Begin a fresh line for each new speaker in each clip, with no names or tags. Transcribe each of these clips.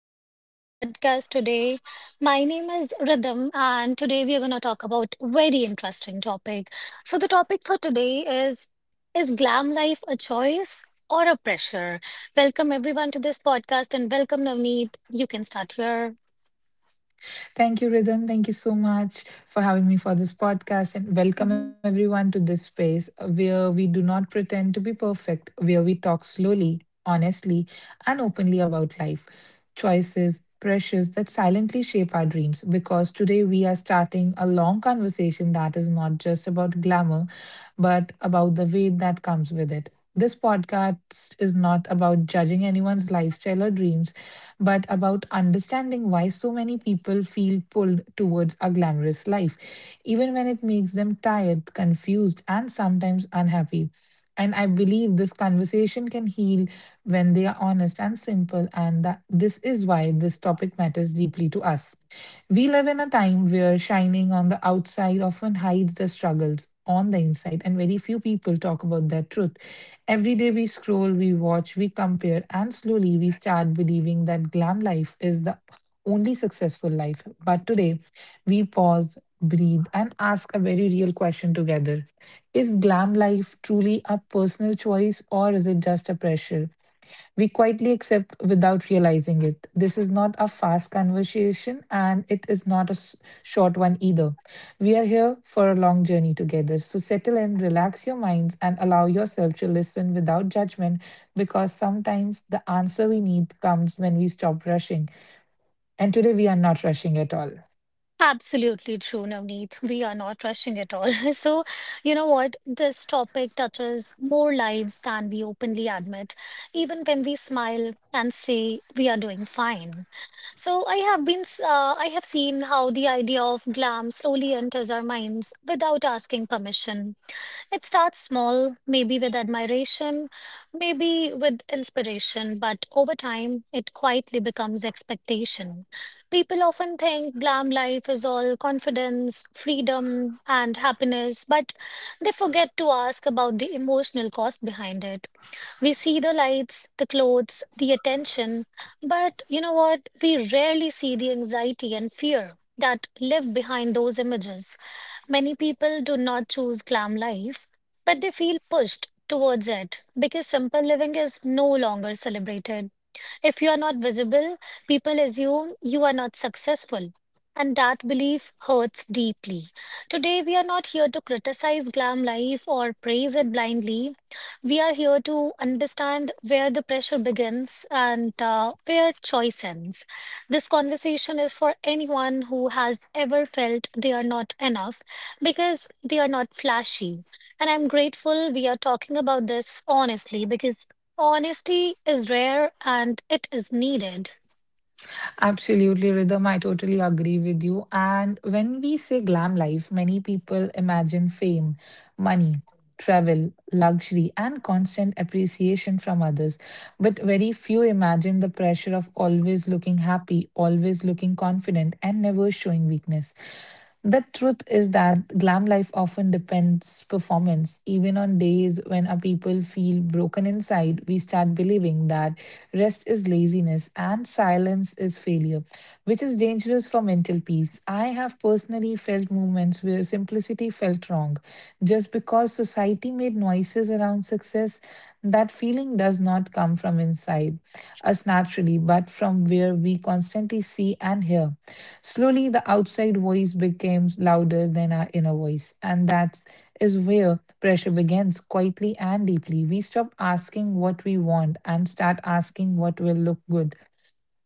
Welcome to this podcast today. My name is Rhythm, and today we are going to talk about very interesting topic. So, the topic for today is glam life a choice or a pressure? Welcome, everyone, to this podcast, and welcome, Navneet. You can start here.
Thank you, Ridan. Thank you so much for having me for this podcast, and welcome everyone to this space where we do not pretend to be perfect, where we talk slowly, honestly, and openly about life, choices, pressures that silently shape our dreams. Because today we are starting a long conversation that is not just about glamour, but about the weight that comes with it. This podcast is not about judging anyone's lifestyle or dreams, but about understanding why so many people feel pulled towards a glamorous life, even when it makes them tired, confused, and sometimes unhappy. And I believe this conversation can heal when they are honest and simple, and that this is why this topic matters deeply to us. We live in a time where shining on the outside often hides the struggles on the inside, and very few people talk about their truth. Every day we scroll, we watch, we compare, and slowly we start believing that glam life is the only successful life. But today, we pause, breathe, and ask a very real question together: is glam life truly a personal choice, or is it just a pressure we quietly accept without realizing it? This is not a fast conversation, and it is not a short one either. We are here for a long journey together. So settle in, relax your minds, and allow yourself to listen without judgment, because sometimes the answer we need comes when we stop rushing. And today we are not rushing at all.
Absolutely true, Navneet. We are not rushing at all. So, you know what? This topic touches more lives than we openly admit, even when we smile and say we are doing fine. So, I have seen how the idea of glam slowly enters our minds without asking permission. It starts small, maybe with admiration, maybe with inspiration, but over time, it quietly becomes expectation. People often think glam life is all confidence, freedom, and happiness, but they forget to ask about the emotional cost behind it. We see the lights, the clothes, the attention, but you know what? We rarely see the anxiety and fear that live behind those images. Many people do not choose glam life, but they feel pushed towards it because simple living is no longer celebrated. If you are not visible, people assume you are not successful. And that belief hurts deeply. Today, we are not here to criticize glam life or praise it blindly. We are here to understand where the pressure begins and where choice ends. This conversation is for anyone who has ever felt they are not enough because they are not flashy. And I'm grateful we are talking about this honestly, because honesty is rare and it is needed.
Absolutely, Rhythm. I totally agree with you. And when we say glam life, many people imagine fame, money, travel, luxury, and constant appreciation from others. But very few imagine the pressure of always looking happy, always looking confident, and never showing weakness. The truth is that glam life often depends performance. Even on days when our people feel broken inside, we start believing that rest is laziness and silence is failure, which is dangerous for mental peace. I have personally felt moments where simplicity felt wrong just because society made noises around success. That feeling does not come from inside us naturally, but from where we constantly see and hear. Slowly, the outside voice becomes louder than our inner voice, and that is where pressure begins quietly and deeply. We stop asking what we want and start asking what will look good.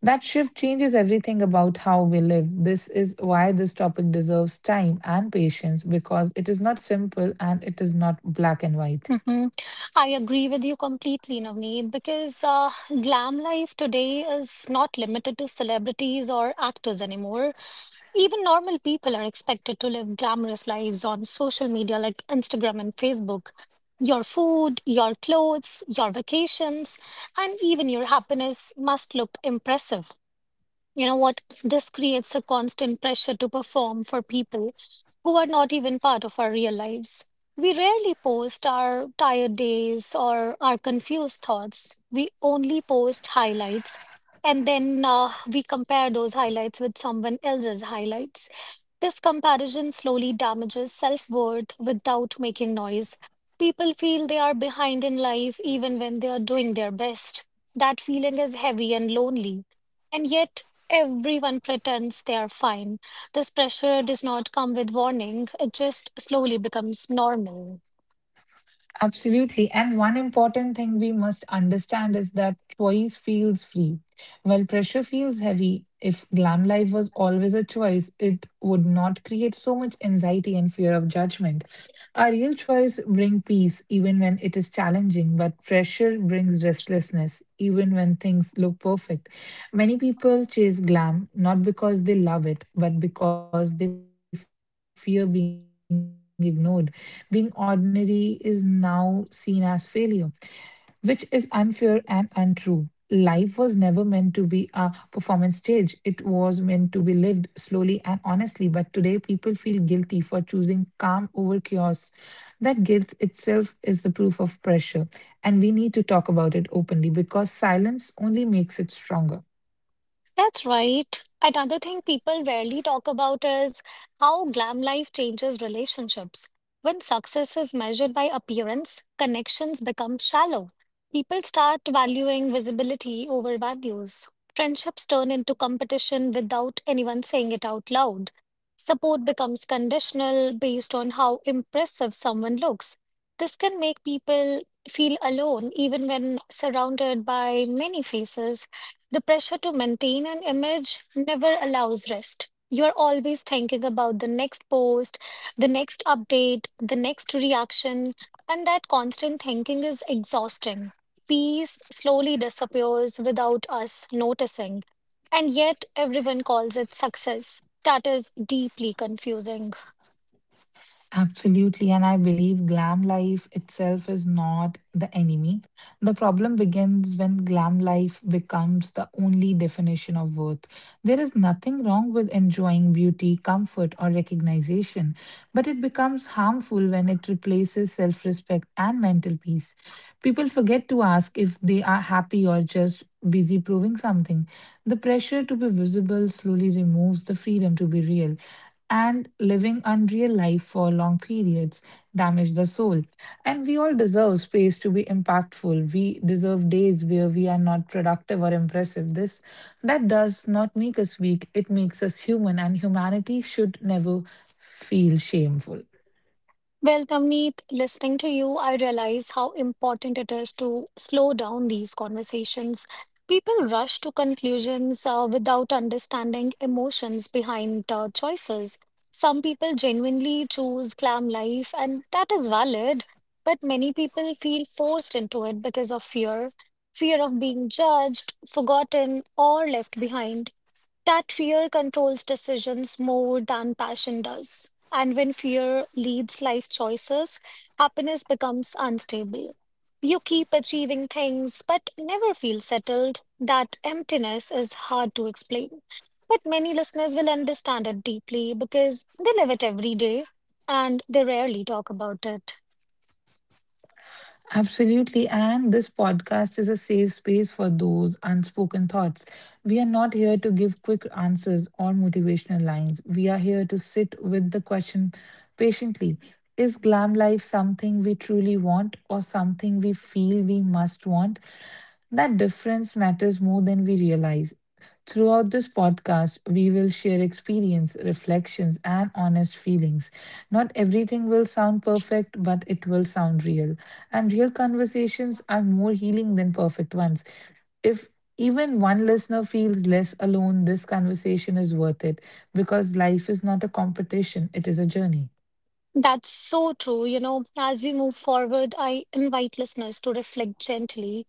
That shift changes everything about how we live. This is why this topic deserves time and patience, because it is not simple and it is not black and white.
Mhm. I agree with you completely, Navneet, because glam life today is not limited to celebrities or actors anymore. Even normal people are expected to live glamorous lives on social media like Instagram and Facebook. Your food, your clothes, your vacations, and even your happiness must look impressive. You know what? This creates a constant pressure to perform for people who are not even part of our real lives. We rarely post our tired days or our confused thoughts. We only post highlights, and then we compare those highlights with someone else's highlights. This comparison slowly damages self worth without making noise. People feel they are behind in life even when they are doing their best. That feeling is heavy and lonely. And yet, everyone pretends they are fine. This pressure does not come with warning, it just slowly becomes normal.
Absolutely. And one important thing we must understand is that choice feels free, while pressure feels heavy. If glam life was always a choice, it would not create so much anxiety and fear of judgment. A real choice brings peace even when it is challenging, but pressure brings restlessness even when things look perfect. Many people chase glam not because they love it, but because they fear being ignored. Being ordinary is now seen as failure, which is unfair and untrue. Life was never meant to be a performance stage. It was meant to be lived slowly and honestly. But today, people feel guilty for choosing calm over chaos. That guilt itself is the proof of pressure. And we need to talk about it openly, because silence only makes it stronger.
That's right. Another thing people rarely talk about is how glam life changes relationships. When success is measured by appearance, connections become shallow. People start valuing visibility over values. Friendships turn into competition without anyone saying it out loud. Support becomes conditional based on how impressive someone looks. This can make people feel alone even when surrounded by many faces. The pressure to maintain an image never allows rest. You're always thinking about the next post, the next update, the next reaction, and that constant thinking is exhausting. Peace slowly disappears without us noticing, and yet everyone calls it success. That is deeply confusing.
Absolutely, and I believe glam life itself is not the enemy. The problem begins when glam life becomes the only definition of worth. There is nothing wrong with enjoying beauty, comfort, or recognition, but it becomes harmful when it replaces self respect and mental peace. People forget to ask if they are happy or just busy proving something. The pressure to be visible slowly removes the freedom to be real, and living unreal life for long periods damage the soul. And we all deserve space to be impactful. We deserve days where we are not productive or impressive. This that does not make us weak. It makes us human, and humanity should never feel shameful.
Well, Tamneet, listening to you, I realize how important it is to slow down these conversations. People rush to conclusions without understanding emotions behind choices. Some people genuinely choose glam life, and that is valid, but many people feel forced into it because of fear, fear of being judged, forgotten, or left behind. That fear controls decisions more than passion does. And when fear leads life choices, happiness becomes unstable. You keep achieving things but never feel settled. That emptiness is hard to explain. But many listeners will understand it deeply because they live it every day and they rarely talk about it.
Absolutely. And this podcast is a safe space for those unspoken thoughts. We are not here to give quick answers or motivational lines. We are here to sit with the question patiently: is glam life something we truly want, or something we feel we must want? That difference matters more than we realize. Throughout this podcast, we will share experience, reflections, and honest feelings. Not everything will sound perfect, but it will sound real. And real conversations are more healing than perfect ones. If even one listener feels less alone, this conversation is worth it, because life is not a competition, it is a journey.
That's so true. You know, as we move forward, I invite listeners to reflect gently.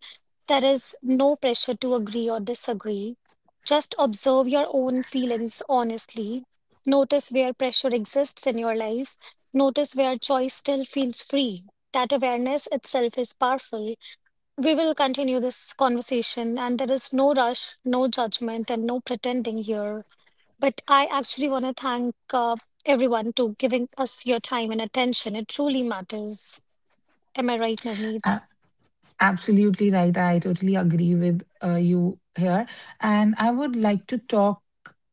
There is no pressure to agree or disagree. Just observe your own feelings honestly. Notice where pressure exists in your life. Notice where choice still feels free. That awareness itself is powerful. We will continue this conversation, and there is no rush, no judgment, and no pretending here. But I actually want to thank everyone to giving us your time and attention. It truly matters. Am I right, Navneet?
Absolutely right. I totally agree with you here. And I would like to talk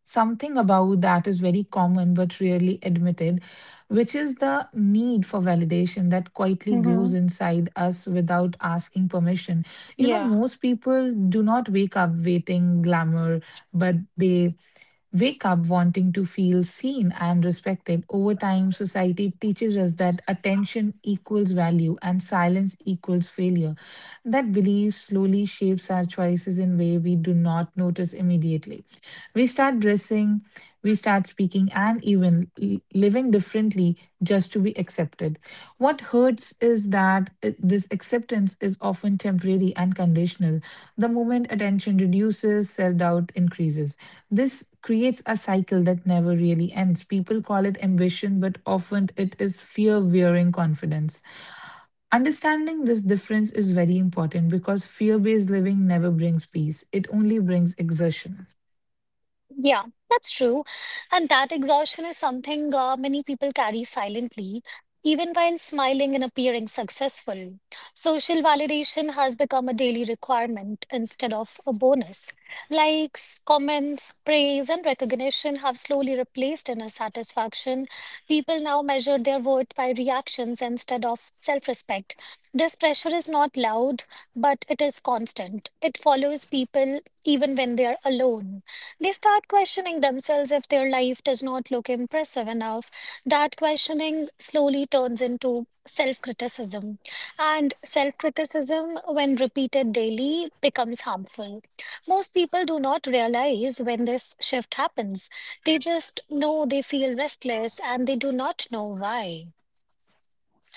something about that is very common but rarely admitted, which is the need for validation that quietly grows
Mm-hmm.
inside us without asking permission. You know,
Yeah.
most people do not wake up waiting glamour, but they wake up wanting to feel seen and respected. Over time, society teaches us that attention equals value and silence equals failure. That belief slowly shapes our choices in way we do not notice immediately. We start dressing, we start speaking, and even living differently just to be accepted. What hurts is that this acceptance is often temporary and conditional. The moment attention reduces, self doubt increases. This creates a cycle that never really ends. People call it ambition, but often it is fear wearing confidence. Understanding this difference is very important, because fear based living never brings peace, it only brings exertion.
Yeah, that's true. And that exhaustion is something many people carry silently, even while smiling and appearing successful. Social validation has become a daily requirement instead of a bonus. Likes, comments, praise, and recognition have slowly replaced inner satisfaction. People now measure their worth by reactions instead of self-respect. This pressure is not loud, but it is constant. It follows people even when they are alone. They start questioning themselves if their life does not look impressive enough. That questioning slowly turns into self criticism. And self criticism, when repeated daily, becomes harmful. Most people do not realize when this shift happens. They just know they feel restless and they do not know why.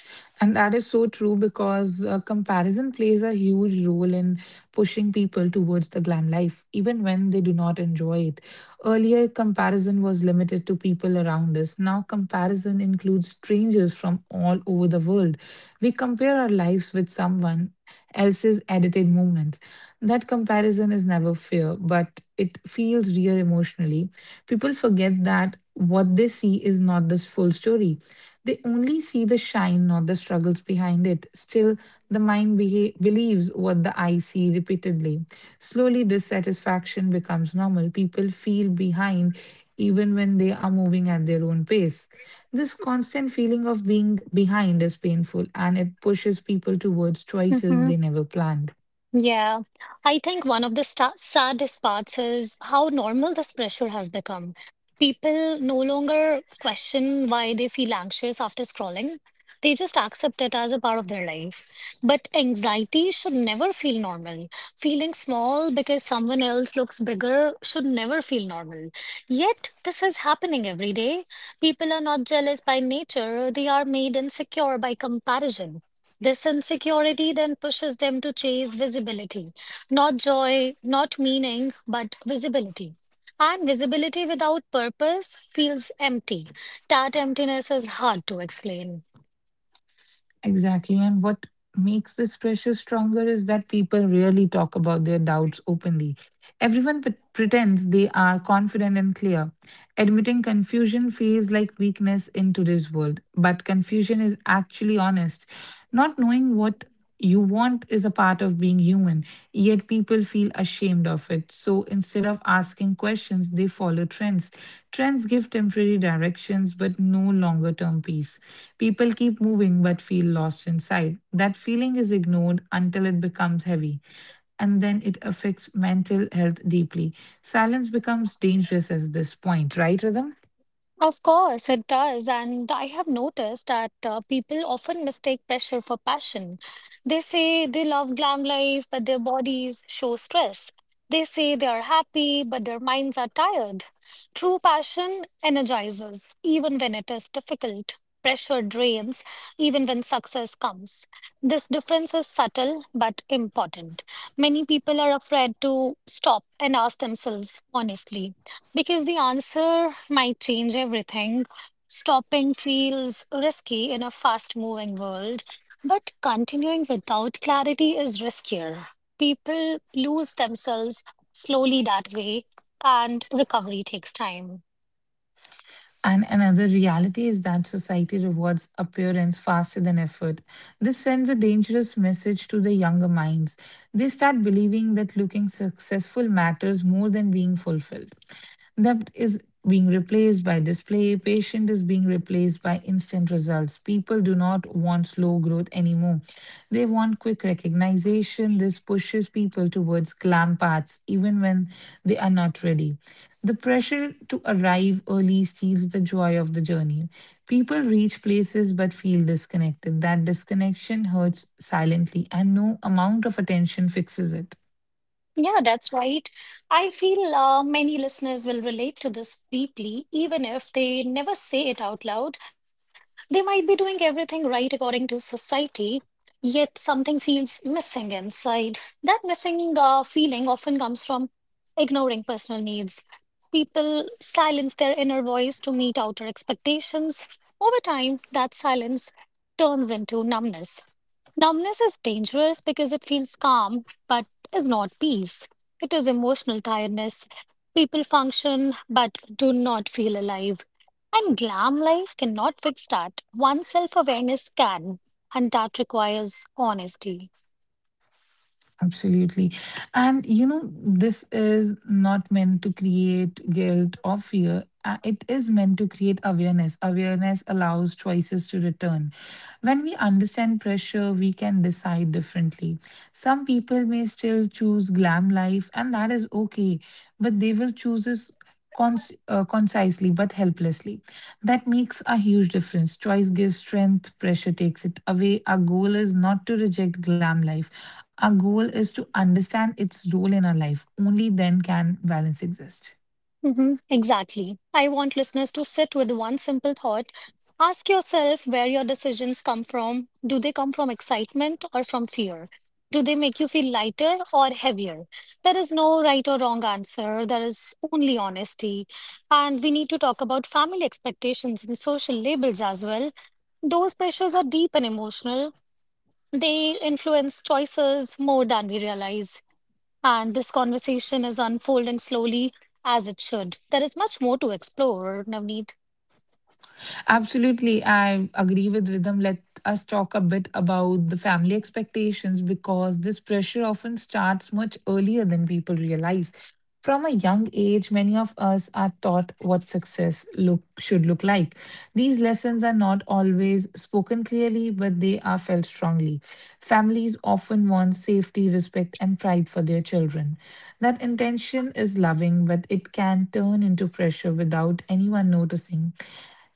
And that is so true, because comparison plays a huge role in pushing people towards the glam life, even when they do not enjoy it. Earlier, comparison was limited to people around us. Now, comparison includes strangers from all over the world. We compare our lives with someone else's edited moments. That comparison is never fair, but it feels real emotionally. People forget that what they see is not the full story. They only see the shine, not the struggles behind it. Still, the mind believes what the eye see repeatedly. Slowly, dissatisfaction becomes normal. People feel behind even when they are moving at their own pace. This constant feeling of being behind is painful, and it pushes people towards choices they never planned.
Yeah, I think one of the sta saddest parts is how normal this pressure has become. People no longer question why they feel anxious after scrolling. They just accept it as a part of their life. But anxiety should never feel normal. Feeling small because someone else looks bigger should never feel normal. Yet, this is happening every day. People are not jealous by nature, they are made insecure by comparison. This insecurity then pushes them to chase visibility, not joy, not meaning, but visibility. And visibility without purpose feels empty. That emptiness is hard to explain.
Exactly. And what makes this pressure stronger is that people rarely talk about their doubts openly. Everyone pretends they are confident and clear. Admitting confusion feels like weakness in today's world, but confusion is actually honest. Not knowing what you want is a part of being human, yet people feel ashamed of it. So instead of asking questions, they follow trends. Trends give temporary directions, but no longer term peace. People keep moving but feel lost inside. That feeling is ignored until it becomes heavy, and then it affects mental health deeply. Silence becomes dangerous at this point, right, Rhythm?
Of course, it does. And I have noticed that people often mistake pressure for passion. They say they love glam life, but their bodies show stress. They say they are happy, but their minds are tired. True passion energizes, even when it is difficult. Pressure drains, even when success comes. This difference is subtle but important. Many people are afraid to stop and ask themselves honestly because the answer might change everything. Stopping feels risky in a fast moving world, but continuing without clarity is riskier. People lose themselves slowly that way, and recovery takes time.
And another reality is that society rewards appearance faster than effort. This sends a dangerous message to the younger minds. They start believing that looking successful matters more than being fulfilled. That is being replaced by display, patient is being replaced by instant results. People do not want slow growth anymore. They want quick recognition. This pushes people towards glam paths even when they are not ready. The pressure to arrive early steals the joy of the journey. People reach places but feel disconnected. That disconnection hurts silently, and no amount of attention fixes it.
Yeah, that's right. I feel many listeners will relate to this deeply, even if they never say it out loud. They might be doing everything right according to society, yet something feels missing inside. That missing feeling often comes from ignoring personal needs. People silence their inner voice to meet outer expectations. Over time, that silence turns into numbness. Numbness is dangerous because it feels calm but is not peace. It is emotional tiredness. People function but do not feel alive. And glam life cannot fix that. One self awareness can, and that requires honesty.
Absolutely. And you know, this is not meant to create guilt or fear. It is meant to create awareness. Awareness allows choices to return. When we understand pressure, we can decide differently. Some people may still choose glam life, and that is okay, but they will choose this concisely but helplessly. That makes a huge difference. Choice gives strength, pressure takes it away. Our goal is not to reject glam life, our goal is to understand its role in our life. Only then can balance exist.
Exactly. I want listeners to sit with one simple thought. Ask yourself where your decisions come from. Do they come from excitement or from fear? Do they make you feel lighter or heavier? There is no right or wrong answer. There is only honesty. And we need to talk about family expectations and social labels as well. Those pressures are deep and emotional. They influence choices more than we realize, and this conversation is unfolding slowly as it should. There is much more to explore, Navneet.
Absolutely. I agree with Rhythm. Let us talk a bit about the family expectations, because this pressure often starts much earlier than people realize. From a young age, many of us are taught what success look should look like. These lessons are not always spoken clearly, but they are felt strongly. Families often want safety, respect, and pride for their children. That intention is loving, but it can turn into pressure without anyone noticing.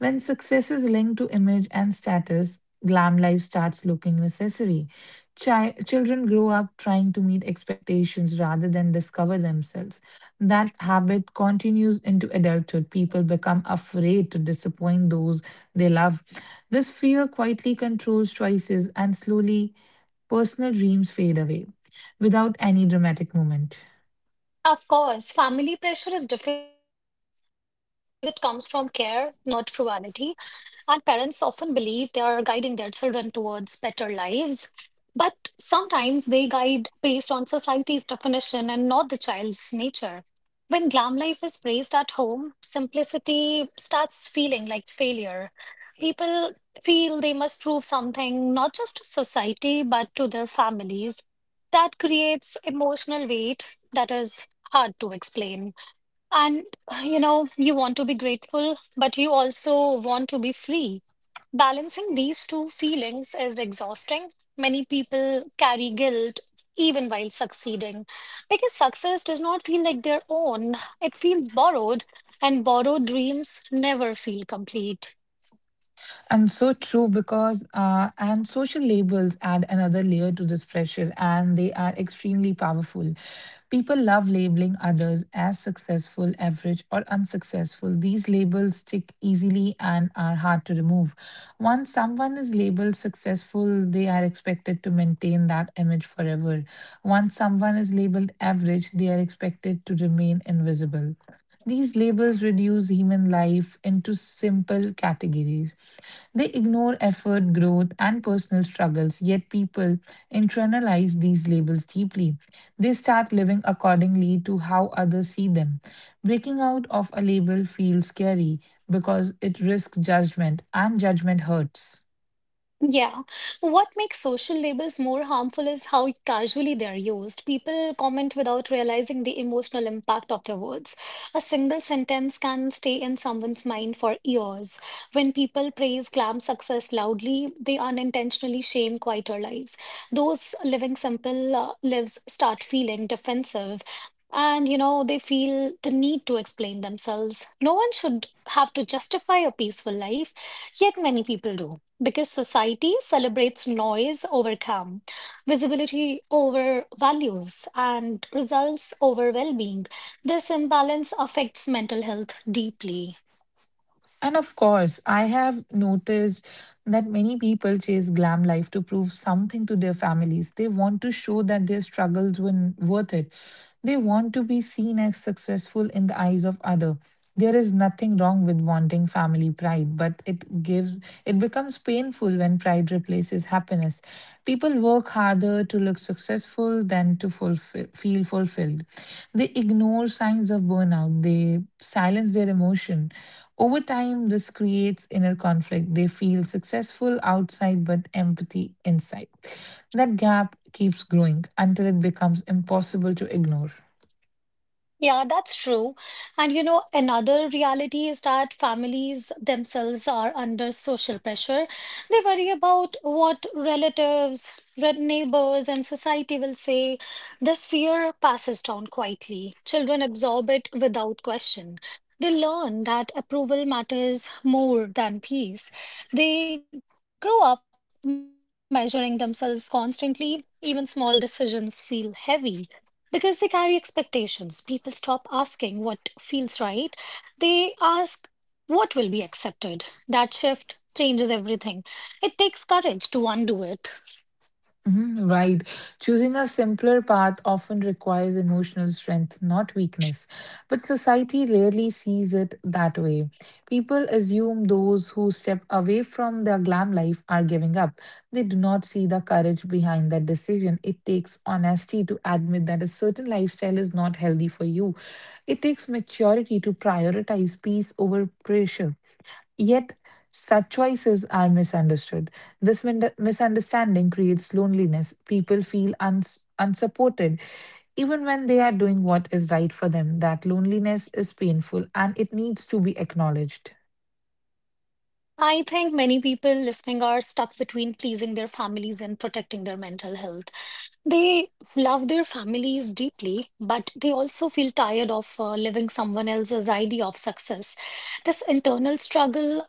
When success is linked to image and status, glam life starts looking necessary. Children grow up trying to meet expectations rather than discover themselves. That habit continues into adulthood. People become afraid to disappoint those they love. This fear quietly controls choices, and slowly, personal dreams fade away without any dramatic moment.
Of course, family pressure is difficult because it comes from care, not cruelty. And parents often believe they are guiding their children towards better lives, but sometimes they guide based on society's definition and not the child's nature. When glam life is praised at home, simplicity starts feeling like failure. People feel they must prove something not just to society but to their families. That creates emotional weight that is hard to explain. And you know, you want to be grateful, but you also want to be free. Balancing these two feelings is exhausting. Many people carry guilt even while succeeding because success does not feel like their own, it feels borrowed, and borrowed dreams never feel complete.
And so true because, and social labels add another layer to this pressure, and they are extremely powerful. People love labeling others as successful, average, or unsuccessful. These labels stick easily and are hard to remove. Once someone is labeled successful, they are expected to maintain that image forever. Once someone is labeled average, they are expected to remain invisible. These labels reduce human life into simple categories. They ignore effort, growth, and personal struggles, yet, people internalize these labels deeply. They start living accordingly to how others see them. Breaking out of a label feels scary because it risks judgment, and judgment hurts.
Yeah. What makes social labels more harmful is how casually they're used. People comment without realizing the emotional impact of their words. A single sentence can stay in someone's mind for years. When people praise glam success loudly, they unintentionally shame quieter lives. Those living simple lives start feeling defensive. And, you know, they feel the need to explain themselves. No one should have to justify a peaceful life, yet many people do because society celebrates noise over calm, visibility over values, and results over well being. This imbalance affects mental health deeply.
And of course, I have noticed that many people chase glam life to prove something to their families. They want to show that their worth it. They want to be seen as successful in the eyes of other. There is nothing wrong with wanting family pride, but it becomes painful when pride replaces happiness. People work harder to look successful than to feel fulfilled. They ignore signs of burnout, they silence their emotion. Over time, this creates inner conflict. They feel successful outside but empathy inside. That gap keeps growing until it becomes impossible to ignore.
Yeah, that's true. And you know, another reality is that families themselves are under social pressure. They worry about what relatives, neighbors, and society will say. This fear passes down quietly. Children absorb it without question. They learn that approval matters more than peace. They grow up measuring themselves constantly. Even small decisions feel heavy, because they carry expectations. People stop asking what feels right. They ask what will be accepted. That shift changes everything. It takes courage to undo it.
Mhm. Right. Choosing a simpler path often requires emotional strength, not weakness. But society rarely sees it that way. People assume those who step away from their glam life are giving up. They do not see the courage behind that decision. It takes honesty to admit that a certain lifestyle is not healthy for you. It takes maturity to prioritize peace over pressure. Yet, such choices are misunderstood. Misunderstanding creates loneliness. People feel unsupported, even when they are doing what is right for them. That loneliness is painful and it needs to be acknowledged.
I think many people listening are stuck between pleasing their families and protecting their mental health. They love their families deeply, but they also feel tired of living someone else's idea of success. This internal struggle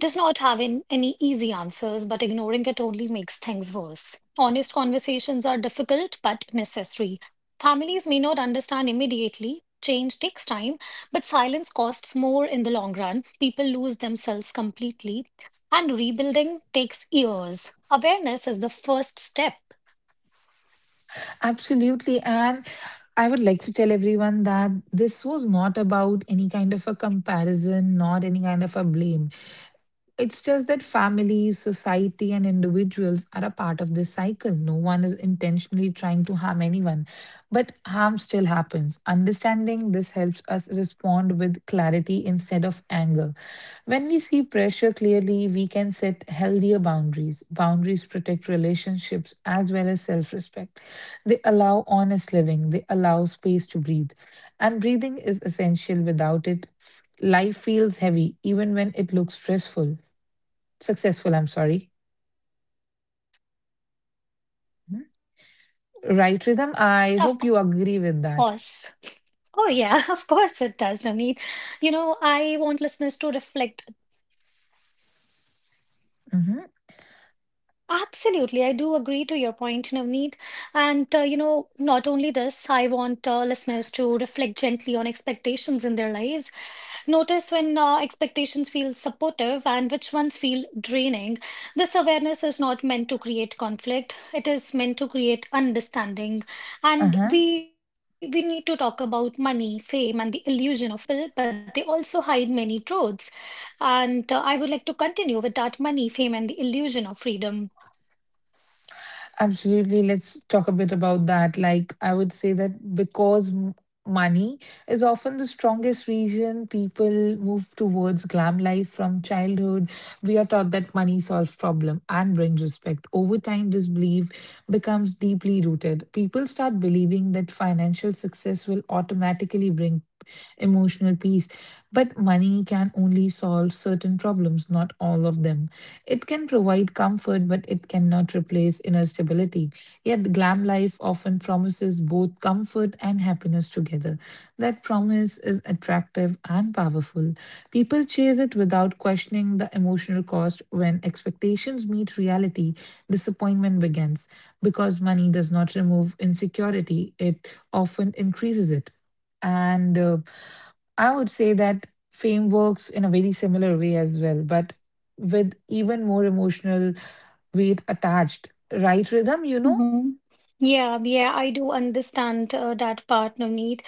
does not have any easy answers, but ignoring it only makes things worse. Honest conversations are difficult but necessary. Families may not understand immediately. Change takes time, but silence costs more in the long run. People lose themselves completely, and rebuilding takes years. Awareness is the first step,
Absolutely. And I would like to tell everyone that this was not about any kind of a comparison, not any kind of a blame. It's just that families, society, and individuals are a part of this cycle. No one is intentionally trying to harm anyone, but harm still happens. Understanding this helps us respond with clarity instead of anger. When we see pressure clearly, we can set healthier boundaries. Boundaries protect relationships as well as self respect. They allow honest living, they allow space to breathe. And breathing is essential. Without it, life feels heavy, even when it looks stressful. Successful, I'm sorry.
of course.
Mhm.
Oh, yeah, of
Right
course
rhythm.
it does,
I hope
Navneet.
you agree
You
with
know,
that.
I want listeners to reflect. Absolutely, I do agree to your point, Navneet. And you know,
Mhm.
not only this, I want listeners to reflect gently on expectations in their lives. Notice when expectations feel supportive and which ones feel draining. This awareness is not meant to create conflict, it is meant to create understanding. And we need to talk about money, fame, and the illusion of freedom.
Uh-huh.
These are powerful forces in glam life. They attract many people, but they also hide many truths. And I would like to continue with that money, fame, and the illusion of freedom.
Absolutely. Let's talk a bit about that. Like, I would say that money is often the strongest reason people move towards glam life from childhood, we are taught that money solves problem and brings respect. Over time, this belief becomes deeply rooted. People start believing that financial success will automatically bring emotional peace, but money can only solve certain problems, not all of them. It can provide comfort, but it cannot replace inner stability. Yet, glam life often promises both comfort and happiness together. That promise is attractive and powerful. People chase it without questioning the emotional cost. When expectations meet reality, disappointment begins because money does not remove insecurity, it often increases it. And I would say that fame works in a very similar way as well, but with even more emotional weight attached. Right, rhythm, you know?
Mm-hmm. Yeah, yeah, I do understand that part, Navneet.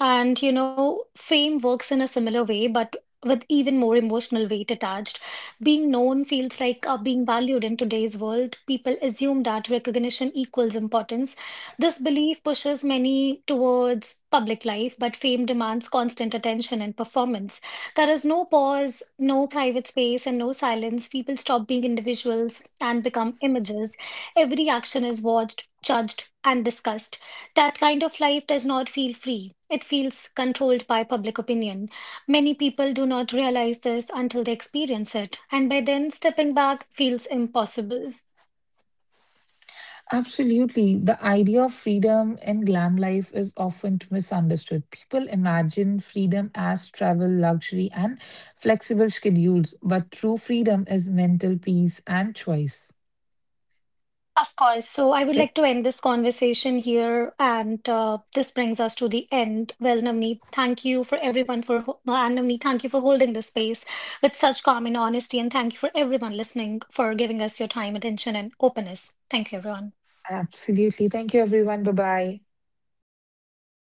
And you know, fame works in a similar way, but with even more emotional weight attached. Being known feels like being valued in today's world. People assume that recognition equals importance. This belief pushes many towards public life, but fame demands constant attention and performance. There is no pause, no private space, and no silence. People stop being individuals and become images. Every action is watched, judged, and discussed. That kind of life does not feel free. It feels controlled by public opinion. Many people do not realize this until they experience it, and by then, stepping back feels impossible.
Absolutely. The idea of freedom in glam life is often misunderstood. People imagine freedom as travel, luxury, and flexible schedules, but true freedom is mental peace and choice.
Of course, so I would like to end this conversation here, and this brings us to the end. Well, Navneet, thank you for everyone for and Navneet, thank you for holding this space with such calm and honesty, and thank you for everyone listening for giving us your time, attention, and openness. Thank you, everyone.
Absolutely. Thank you, everyone. Bye bye.